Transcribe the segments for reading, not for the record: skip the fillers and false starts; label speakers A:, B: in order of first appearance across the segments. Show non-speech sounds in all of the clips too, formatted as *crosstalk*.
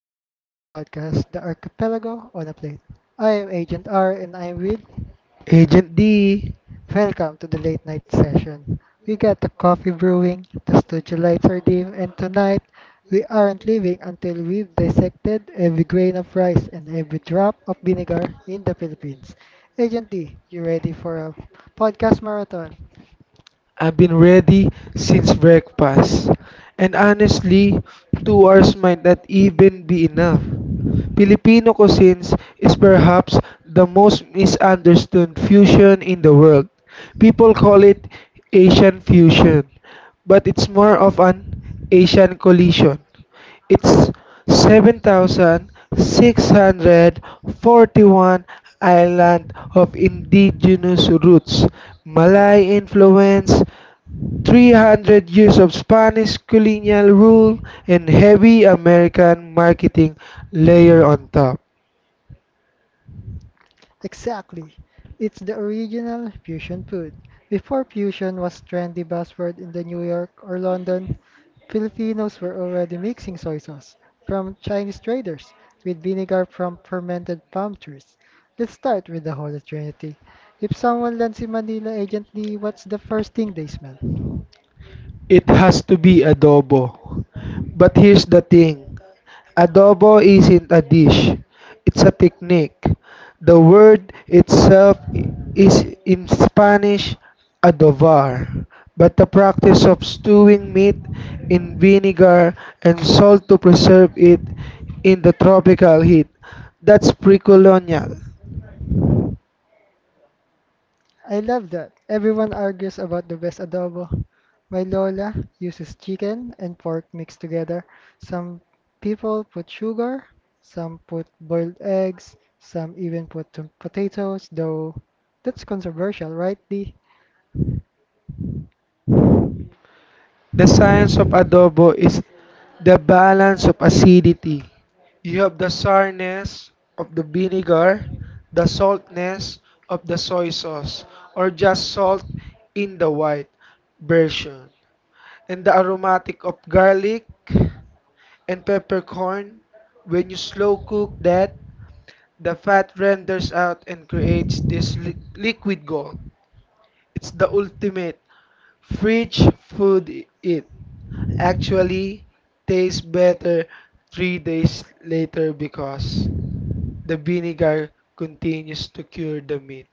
A: Welcome to the podcast, The Archipelago on a Plate. I am Agent R and I'm with.
B: Agent D,
A: Welcome to the late night session. We got the coffee brewing, the studio lights are dim, and tonight we aren't leaving until we've dissected every grain of rice and every drop of vinegar in the Philippines. Agent D, you ready for a podcast marathon?
B: I've been ready since breakfast. And honestly, 2 hours might not even be enough. Filipino cuisines is perhaps the most misunderstood fusion in the world. People call it Asian fusion, but it's more of an Asian collision. It's 7,641 island of indigenous roots, Malay influence, 300 years of Spanish colonial rule and heavy American marketing layer on top.
A: Exactly. It's the original fusion food. Before fusion was trendy buzzword in the New York or London, Filipinos were already mixing soy sauce from Chinese traders with vinegar from fermented palm trees. Let's start with the Holy Trinity. If someone lands in Manila agently, what's the first thing they smell?
B: It has to be adobo. But here's the thing adobo isn't a dish, it's a technique. The word itself is in Spanish adobar, but the practice of stewing meat in vinegar and salt to preserve it in the tropical heat. That's pre colonial.
A: I love that. Everyone argues about the best adobo. My Lola uses chicken and pork mixed together. Some people put sugar, some put boiled eggs, some even put potatoes, though that's controversial, right, Dee?
B: The science of adobo is the balance of acidity. You have the sourness of the vinegar, the saltness of the soy sauce, or just salt in the white version, and the aromatic of garlic and peppercorn. When you slow cook that, the fat renders out and creates this liquid gold. It's the ultimate fridge food eat actually tastes better 3 days later because the vinegar continues to cure the meat.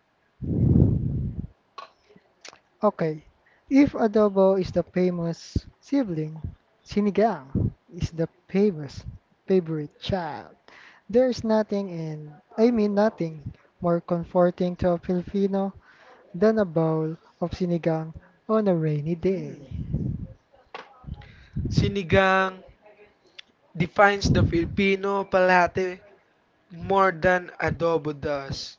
A: Okay, if adobo is the famous sibling, sinigang is the famous favorite child. There is nothing and I mean nothing more comforting to a Filipino than a bowl of sinigang on a rainy day.
B: Hmm. Sinigang defines the Filipino palate more than adobo does.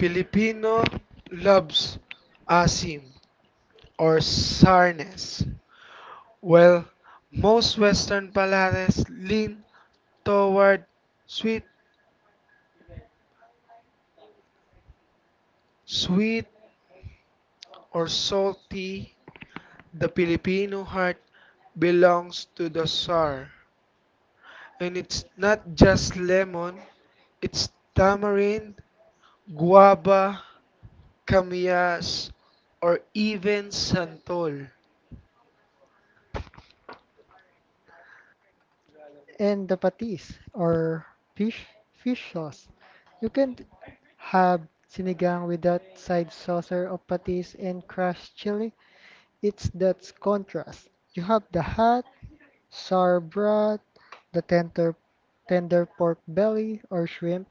B: Filipino loves asim or sourness, while most Western palates lean toward sweet, sweet or salty. The Filipino heart belongs to the sour. And it's not just lemon, it's tamarind, guava, camillas, or even santol.
A: And the patis or fish fish sauce. You can have sinigang with that side saucer of patis and crushed chili. It's that contrast. You have the hot sour broth, the tender pork belly or shrimp,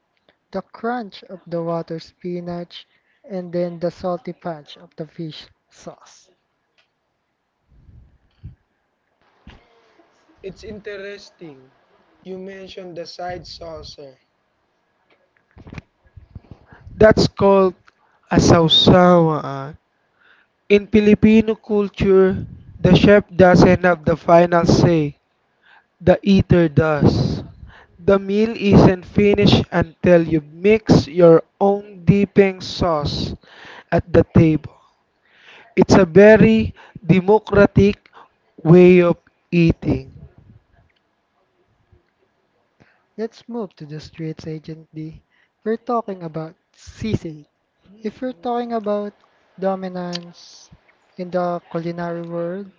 A: the crunch of the water spinach, and then the salty punch of the fish sauce.
B: It's interesting. You mentioned the side saucer. That's called a sausawaan. In Filipino culture, the chef doesn't have the final say. The eater does. The meal isn't finished until you mix your own dipping sauce at the table. It's a very democratic way of eating.
A: Let's move to the streets, Agent D. We're talking about sisig. If you're talking about dominance in the culinary world,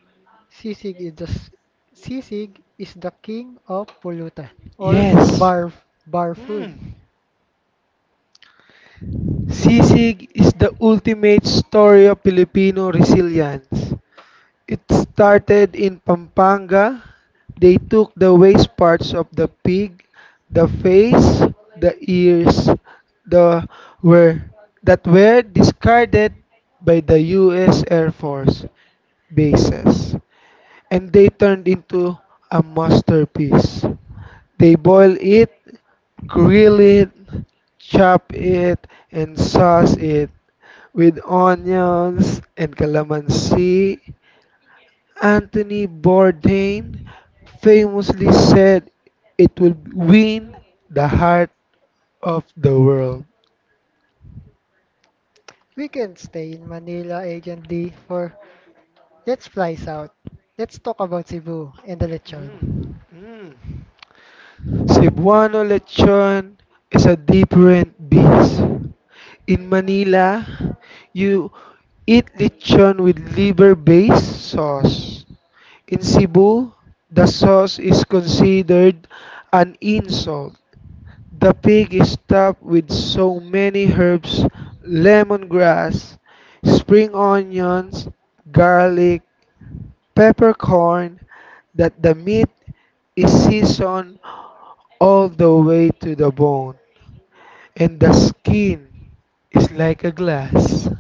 A: sisig is the sisig is the king of pulutan or
B: Yes.
A: bar bar
B: Mm.
A: food.
B: Sisig is the ultimate story of Filipino resilience. It started in Pampanga. They took the waste parts of the pig, the face, the ears, the were that were discarded by the US Air Force bases and they turned into a masterpiece. They boil it, grill it, chop it, and sauce it with onions and calamansi. Anthony Bourdain famously said it would win the heart of the world.
A: We can stay in Manila, Agent D, for let's fly south. Let's talk about Cebu and the
B: Mm,
A: lechon.
B: mm. Cebuano lechon is a different beast. In Manila, you eat lechon with liver-based sauce. In Cebu, the sauce is considered an insult. The pig is stuffed with so many herbs, lemongrass, spring onions, garlic, peppercorn, that the meat is seasoned all the way to the bone, and the skin is like a glass.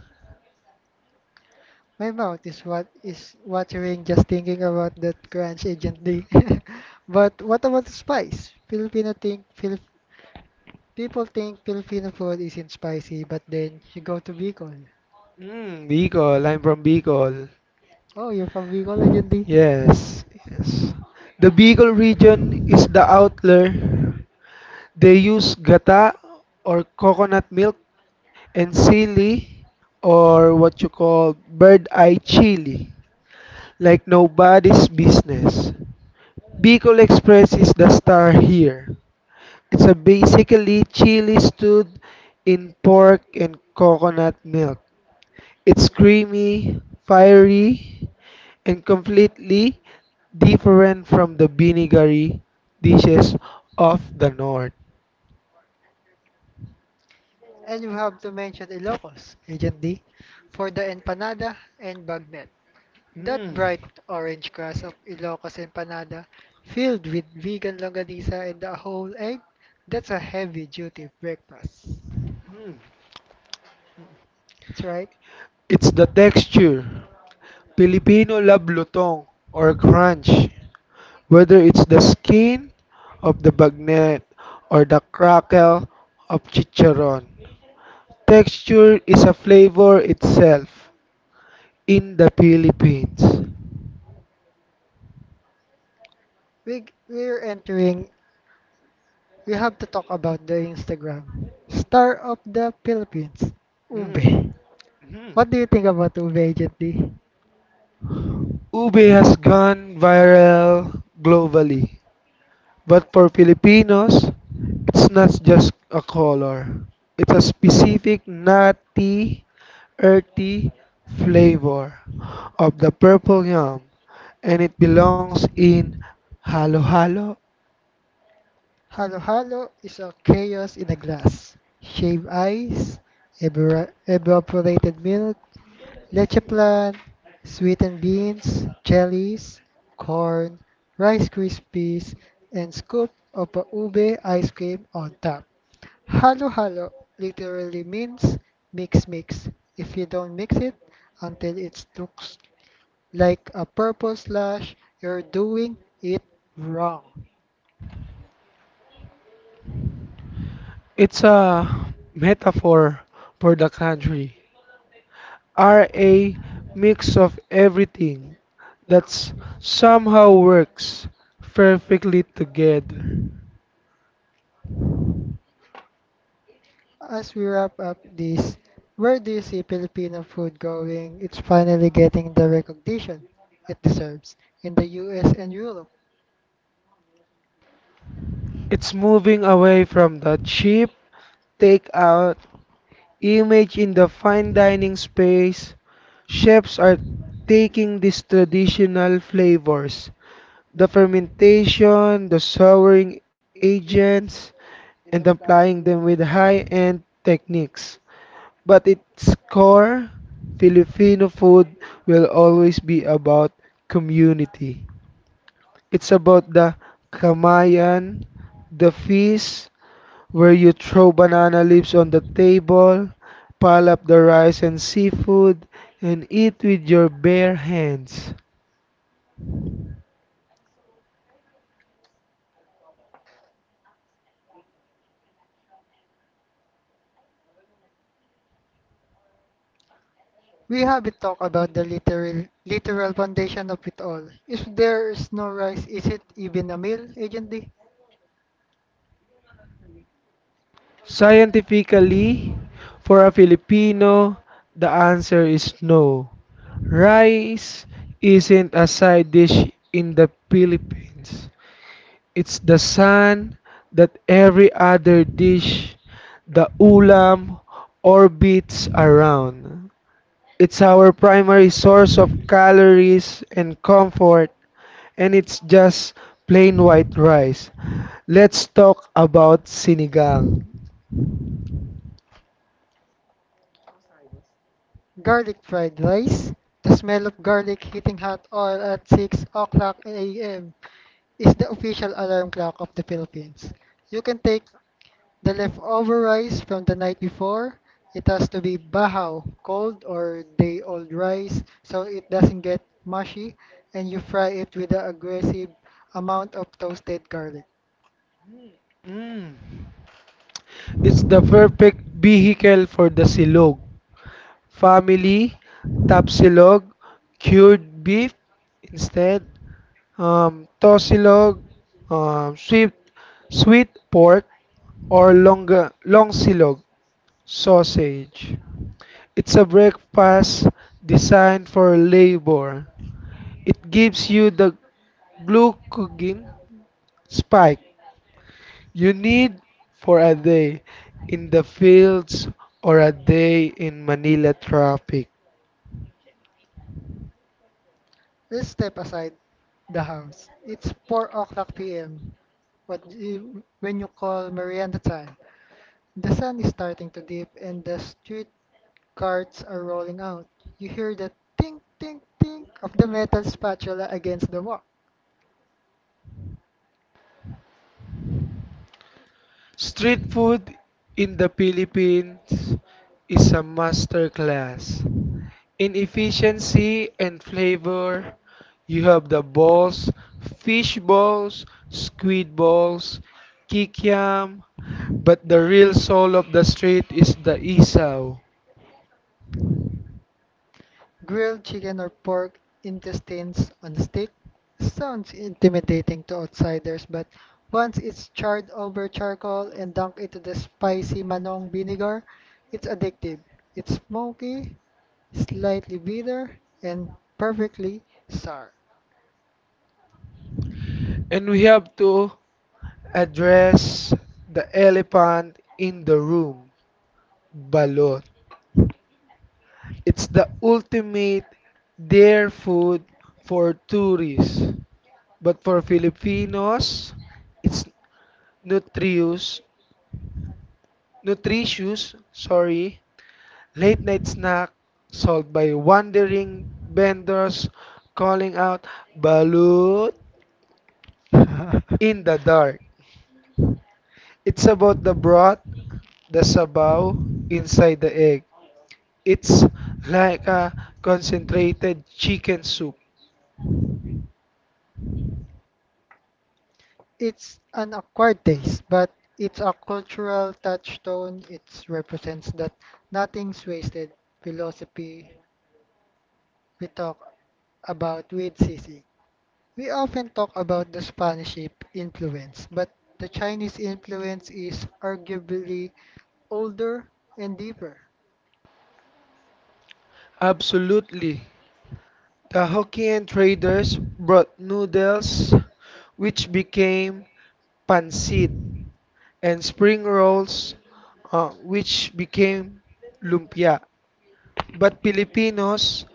A: My mouth is what is watering just thinking about that crunch agent *laughs* But what about the spice? People think Filipino food isn't spicy, but then you go to Bicol.
B: Mm, Bicol, I'm from Bicol.
A: Oh, you're from Bicol, Agent D.
B: Yes, yes. The Bicol region is the outlier. They use gata or coconut milk and silly or what you call bird eye chili, like nobody's business. Bicol Express is the star here. It's a basically chili stewed in pork and coconut milk. It's creamy, fiery, and completely different from the vinegary dishes of the north.
A: And you have to mention Ilocos, Agent D, for the empanada and bagnet. That
B: Mm,
A: bright orange crust of Ilocos empanada, filled with vegan longanisa and a whole egg, that's a heavy duty breakfast. That's right.
B: It's the texture, Filipino love lutong or crunch. Whether it's the skin of the bagnet or the crackle of chicharon. Texture is a flavor itself in the Philippines.
A: we we're entering. We have to talk about the Instagram star of the Philippines,
B: Mm.
A: Ube.
B: Mm.
A: What do you think about Ube Agent D?
B: Ube has gone viral globally. But for Filipinos, it's not just a color. It's a specific nutty earthy flavor of the purple yam and it belongs in Halo Halo.
A: Halo Halo is a chaos in a glass. Shaved ice, evaporated milk, leche plan, sweetened beans, jellies, corn, rice krispies, and scoop of a ube ice cream on top. Halo-halo literally means mix mix. If you don't mix it until it looks like a purple slash, you're doing it wrong.
B: It's a metaphor for the country. Are a mix of everything that somehow works perfectly together.
A: As we wrap up this, where do you see Filipino food going? It's finally getting the recognition it deserves in the US and Europe.
B: It's moving away from the cheap takeout image in the fine dining space, chefs are taking these traditional flavors, the fermentation, the souring agents, and applying them with high end techniques. But its core, Filipino food will always be about community. It's about the kamayan, the feast, where you throw banana leaves on the table, pile up the rice and seafood, and eat with your bare hands.
A: We haven't talked about the literal foundation of it all. If there is no rice, is it even a meal, Agent D?
B: Scientifically, for a Filipino, the answer is no. Rice isn't a side dish in the Philippines. It's the sun that every other dish, the ulam, orbits around. It's our primary source of calories and comfort, and it's just plain white rice. Let's talk about sinigang.
A: Garlic fried rice. The smell of garlic hitting hot oil at 6 o'clock a.m. is the official alarm clock of the Philippines. You can take the leftover rice from the night before. It has to be bahaw, cold or day old rice, so it doesn't get mushy, and you fry it with an aggressive amount of toasted garlic.
B: Mm. It's the perfect vehicle for the silog family, tap silog, cured beef instead, tosilog, um, sweet, sweet pork, or long silog sausage. It's a breakfast designed for labor. It gives you the glucagon spike you need for a day in the fields or a day in Manila traffic.
A: Let's step aside the house. It's 4 o'clock p.m. What you, when you call merienda time. The sun is starting to dip and the street carts are rolling out. You hear the tink tink tink of the metal spatula against the wall.
B: Street food in the Philippines is a masterclass. In efficiency and flavor, you have the balls, fish balls, squid balls, kikiam, but the real soul of the street is the Isaw.
A: Grilled chicken or pork intestines on a stick sounds intimidating to outsiders, but once it's charred over charcoal and dunked into the spicy manong vinegar, it's addictive. It's smoky, slightly bitter, and perfectly sour.
B: And we have to address the elephant in the room, balot. It's the ultimate dare food for tourists. But for Filipinos, it's nutritious, nutritious, sorry, late night snack sold by wandering vendors calling out balut in the
A: *laughs*
B: dark. It's about the broth, the sabaw inside the egg. It's like a concentrated chicken soup.
A: It's an acquired taste, but it's a cultural touchstone. It represents that nothing's wasted philosophy we talk about with Sisi. We often talk about the Spanish influence, but the Chinese influence is arguably older and deeper.
B: Absolutely. The Hokkien traders brought noodles, which became pancit, and spring rolls, which became lumpia. But Filipinos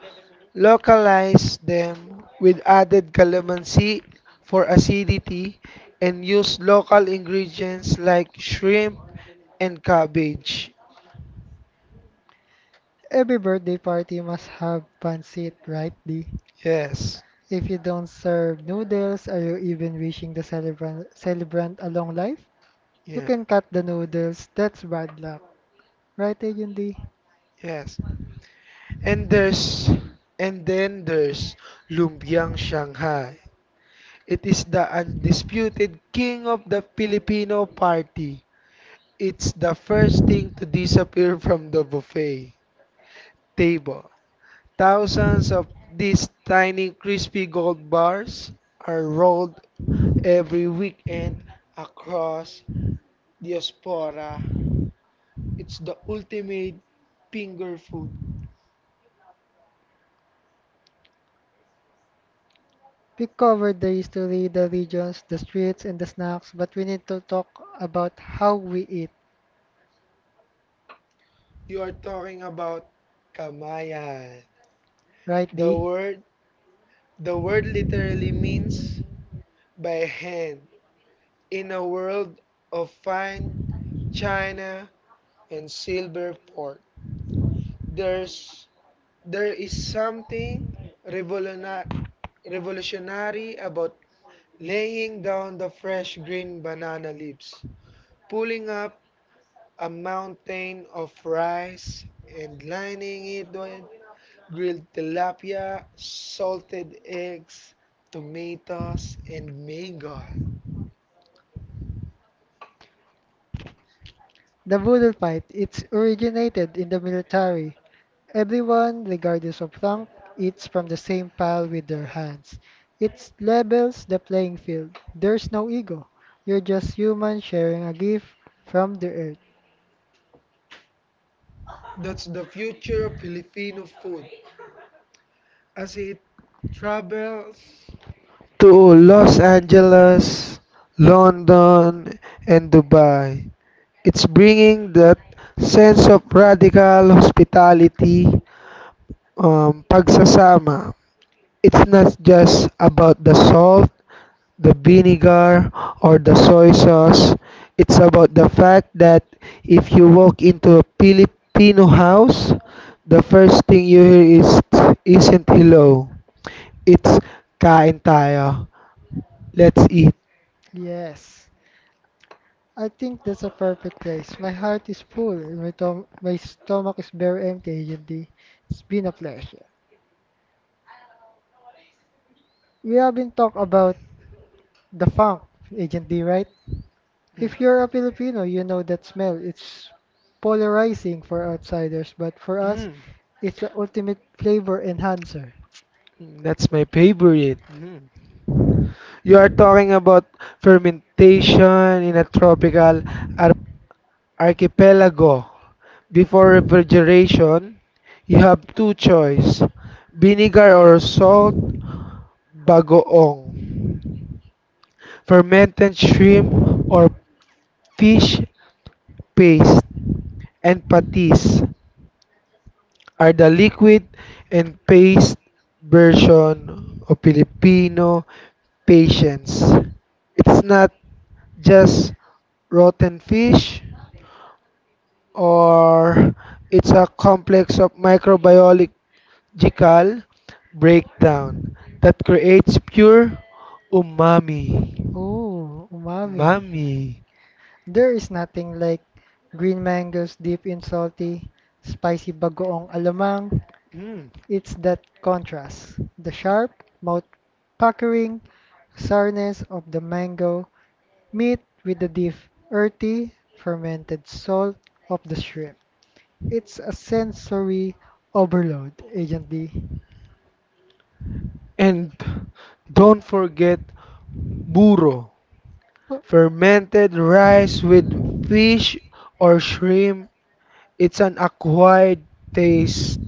B: localize them with added calamansi for acidity and use local ingredients like shrimp and cabbage.
A: Every birthday party must have pancit, right, Dee?
B: Yes.
A: If you don't serve noodles, are you even wishing the celebrant a long life? You
B: Yeah.
A: can cut the noodles, that's bad luck. Right, Ayundi?
B: Yes. And there's and then there's Lumpiang Shanghai. It is the undisputed king of the Filipino party. It's the first thing to disappear from the buffet table. Thousands of these tiny crispy gold bars are rolled every weekend across diaspora. It's the ultimate finger food.
A: We covered the history, the regions, the streets, and the snacks, but we need to talk about how we eat.
B: You are talking about kamayan.
A: Right,
B: The
A: Dee?
B: word the word literally means by hand in a world of fine china and silver fork. There's there is something revolutionary revolutionary about laying down the fresh green banana leaves, pulling up a mountain of rice and lining it with grilled tilapia, salted eggs, tomatoes, and mango.
A: The boodle fight, it's originated in the military. Everyone, regardless of rank, eats from the same pile with their hands. It levels the playing field. There's no ego. You're just human sharing a gift from the earth.
B: That's the future of Filipino food as it travels to Los Angeles, London, and Dubai. It's bringing that sense of radical hospitality, pagsasama. It's not just about the salt, the vinegar, or the soy sauce. It's about the fact that if you walk into a Filipino house, the first thing you hear is isn't hello. It's kain tayo. Let's eat.
A: Yes. I think that's a perfect place. My heart is full and my stomach is very empty, Agent D. It's been a pleasure. We have been talk about the funk, Agent D, right?
B: Mm.
A: If you're a Filipino, you know that smell. It's polarizing for outsiders, but for us,
B: Mm.
A: it's the ultimate flavor enhancer.
B: That's my favorite. Mm. You are talking about fermentation in a tropical ar- archipelago. Before refrigeration, you have two choice, vinegar or salt, bagoong, fermented shrimp or fish paste, and patis are the liquid and paste version of Filipino patience. It's not just rotten fish, or it's a complex of microbiological breakdown that creates pure umami.
A: Ooh, umami.
B: Umami.
A: There is nothing like green mangoes deep in salty, spicy bagoong alamang.
B: Mm.
A: It's that contrast, the sharp, mouth-puckering sourness of the mango meat with the deep, earthy, fermented salt of the shrimp. It's a sensory overload, Agent D.
B: And don't forget burro,
A: Oh,
B: fermented rice with fish or shrimp. It's an acquired taste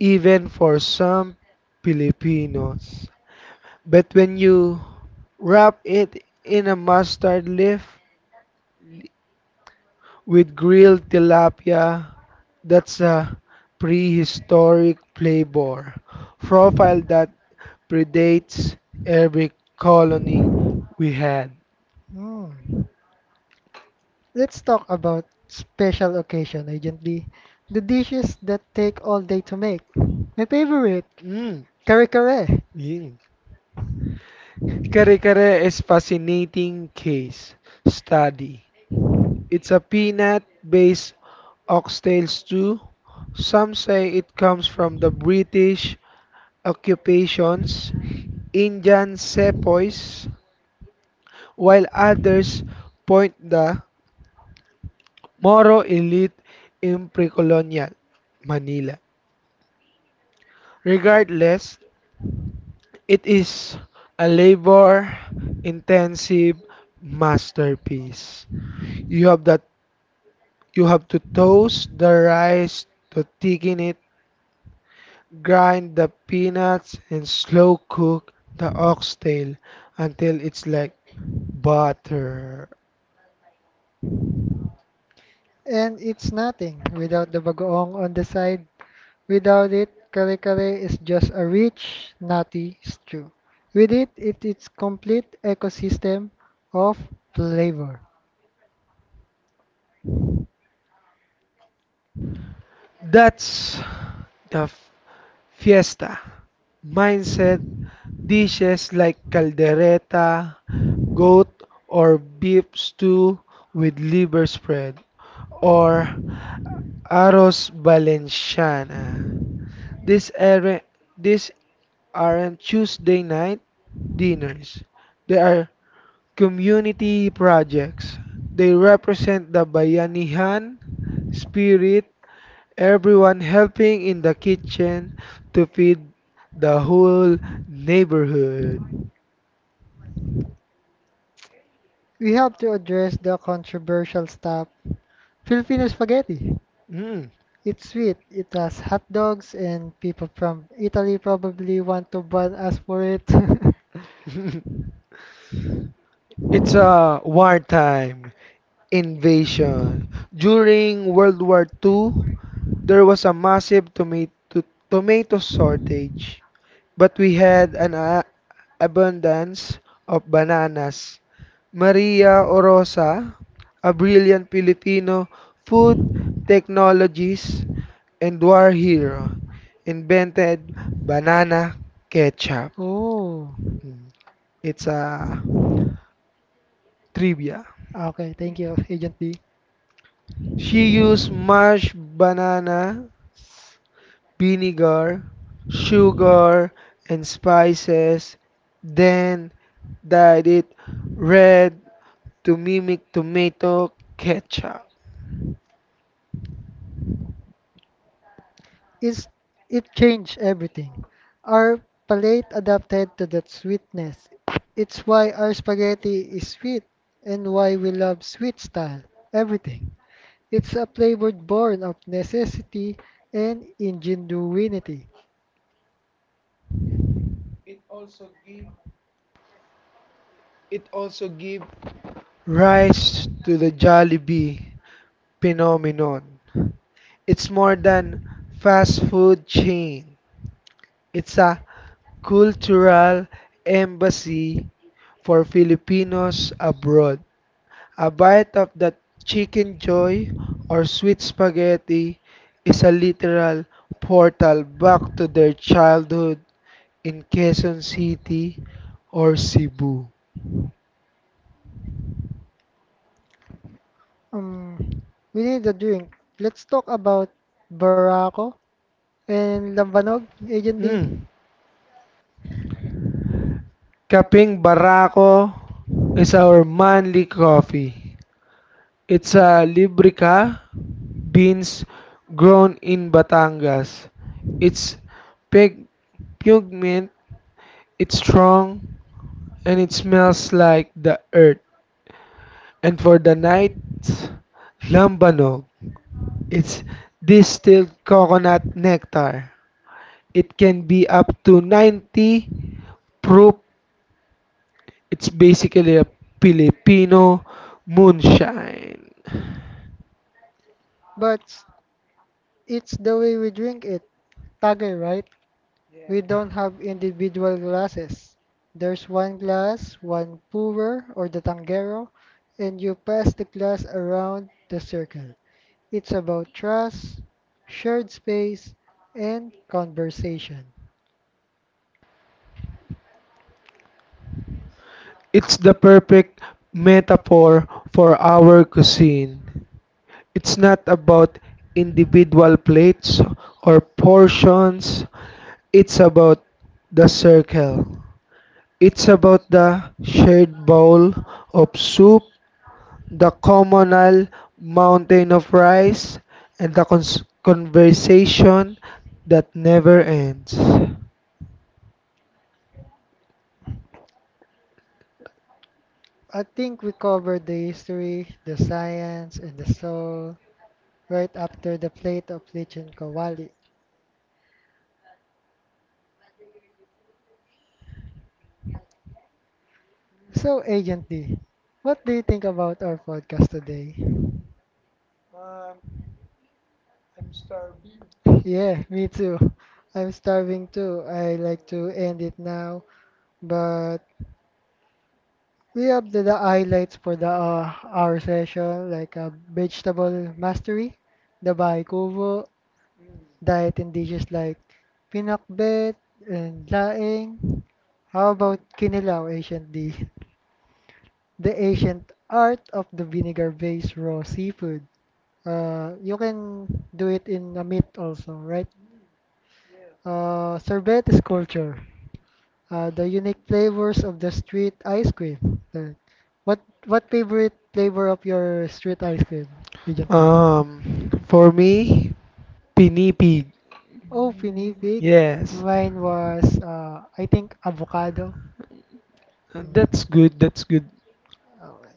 B: even for some Filipinos. But when you wrap it in a mustard leaf with grilled tilapia, that's a prehistoric flavor profile that predates every colony we had.
A: mm. Let's talk about special occasion, Agent D. The dishes that take all day to make. My favorite,
B: Mm.
A: kare kare.
B: Mm. Kare kare is fascinating case study. It's a peanut-based oxtail stew. Some say it comes from the British occupations, Indian sepoys, while others point the Moro elite in pre-colonial Manila. Regardless, it is a labor-intensive masterpiece. You have that you have to toast the rice to thicken it, grind the peanuts and slow cook the oxtail until it's like butter.
A: And it's nothing without the bagoong on the side. Without it, kare kare is just a rich, nutty stew. With it, it is complete ecosystem of flavor.
B: That's the fiesta mindset. Dishes like caldereta, goat or beef stew with liver spread, or arroz valenciana. These are these aren't Tuesday night dinners. They are community projects. They represent the Bayanihan spirit everyone helping in the kitchen to feed the whole neighborhood.
A: We have to address the controversial stuff, Filipino spaghetti.
B: Mm.
A: It's sweet. It has hot dogs, and people from Italy probably want to ban us for it.
B: *laughs* It's a wartime invasion. During World War II, there was a massive tomato shortage, but we had an abundance of bananas. Maria Orosa, a brilliant Filipino food technologist, and our hero invented banana ketchup.
A: *laughs* oh,
B: Mm, It's a trivia.
A: okay. Thank you, Agent D.
B: She used mashed banana, vinegar, sugar, and spices, then dyed it red to mimic tomato ketchup.
A: Is it changed everything. Our palate adapted to that sweetness. It's why our spaghetti is sweet and why we love sweet style. Everything. It's a flavor born of necessity and ingenuity.
B: It also gave rise to the Jollibee phenomenon. It's more than fast food chain. It's a cultural embassy for Filipinos abroad. A bite of that chicken joy or sweet spaghetti is a literal portal back to their childhood in Quezon City or Cebu.
A: Um, we need a drink. Let's talk about Barako and Lambanog, Agent D.
B: Mm. Kaping Barako is our manly coffee. It's a Librica beans grown in Batangas. It's pig- pigment, it's strong, and it smells like the earth. And for the night, lambanog. It's distilled coconut nectar. It can be up to 90 proof. It's basically a Filipino moonshine.
A: But it's the way we drink it. Tagay, right? We don't have individual glasses. There's one glass, one puwer or the tanggero, and you pass the glass around the circle. It's about trust, shared space, and conversation.
B: It's the perfect metaphor for our cuisine. It's not about individual plates or portions, it's about the circle. It's about the shared bowl of soup, the communal mountain of rice, and the conversation that never ends.
A: I think we covered the history, the science, and the soul right after the plate of lich and kawali. So, Agent D, what do you think about our podcast today? Yeah, me too. I'm starving too. I like to end it now, but we have the highlights for the our session, like vegetable mastery, the baikubo, diet and dishes like pinakbet and laing. How about kinilaw, ancient dish, the ancient art of the vinegar-based raw seafood. You can do it in a meat also, right? Sorbet is culture. The unique flavors of the street ice cream. Uh, what what favorite flavor of your street ice cream, Agent B?
B: Um, for me, pinipig.
A: Oh, pinipig. Yeah.
B: Yes.
A: Mine was I think avocado.
B: That's
A: Mm.
B: good, that's good.
A: Alright.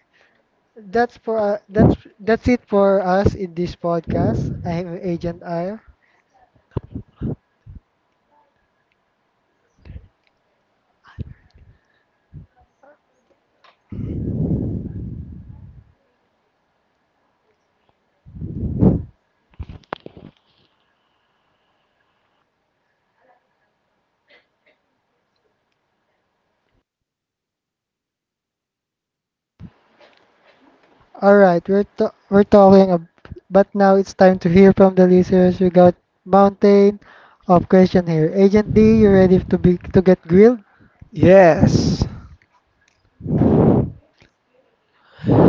A: That's for that's it for us in this podcast. I am Agent Iyer. All right, we're talking, but now it's time to hear from the listeners. We got mountain of question here. Agent D, you ready to get grilled?
B: Yes.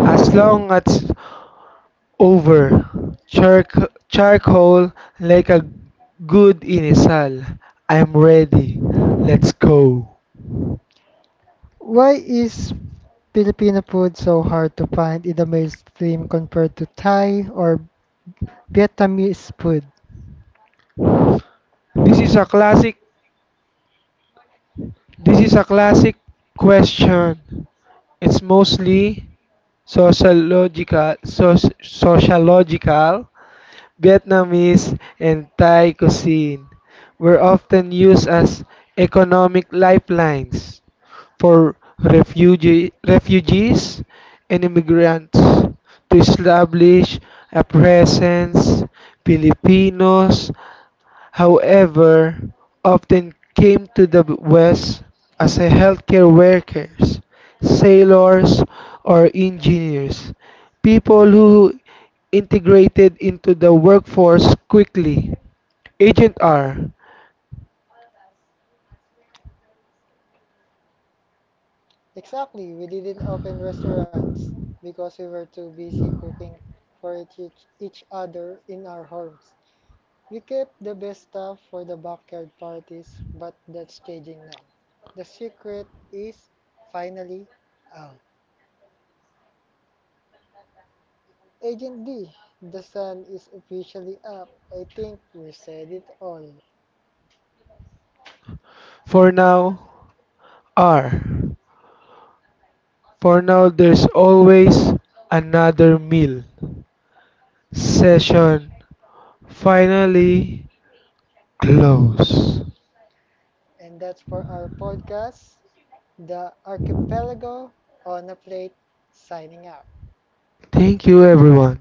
B: As long as over char charcoal like a good inisal. I'm ready. Let's go.
A: Why is Filipino food so hard to find in the mainstream compared to Thai or Vietnamese food?
B: This is a classic this is a classic question. It's mostly sociological. Vietnamese and Thai cuisine were often used as economic lifelines for refugees and immigrants to establish a presence. Filipinos, however, often came to the West as a healthcare workers, sailors, or engineers, people who integrated into the workforce quickly. Agent
A: Exactly, we didn't open restaurants because we were too busy cooking for each other in our homes. We kept the best stuff for the backyard parties, but that's changing now. The secret is finally out. Agent D, the sun is officially up. I think we said it all.
B: for now, R. For now, there's always another meal. Session finally closed.
A: And that's for our podcast, The Archipelago on a Plate, signing out.
B: Thank you, everyone.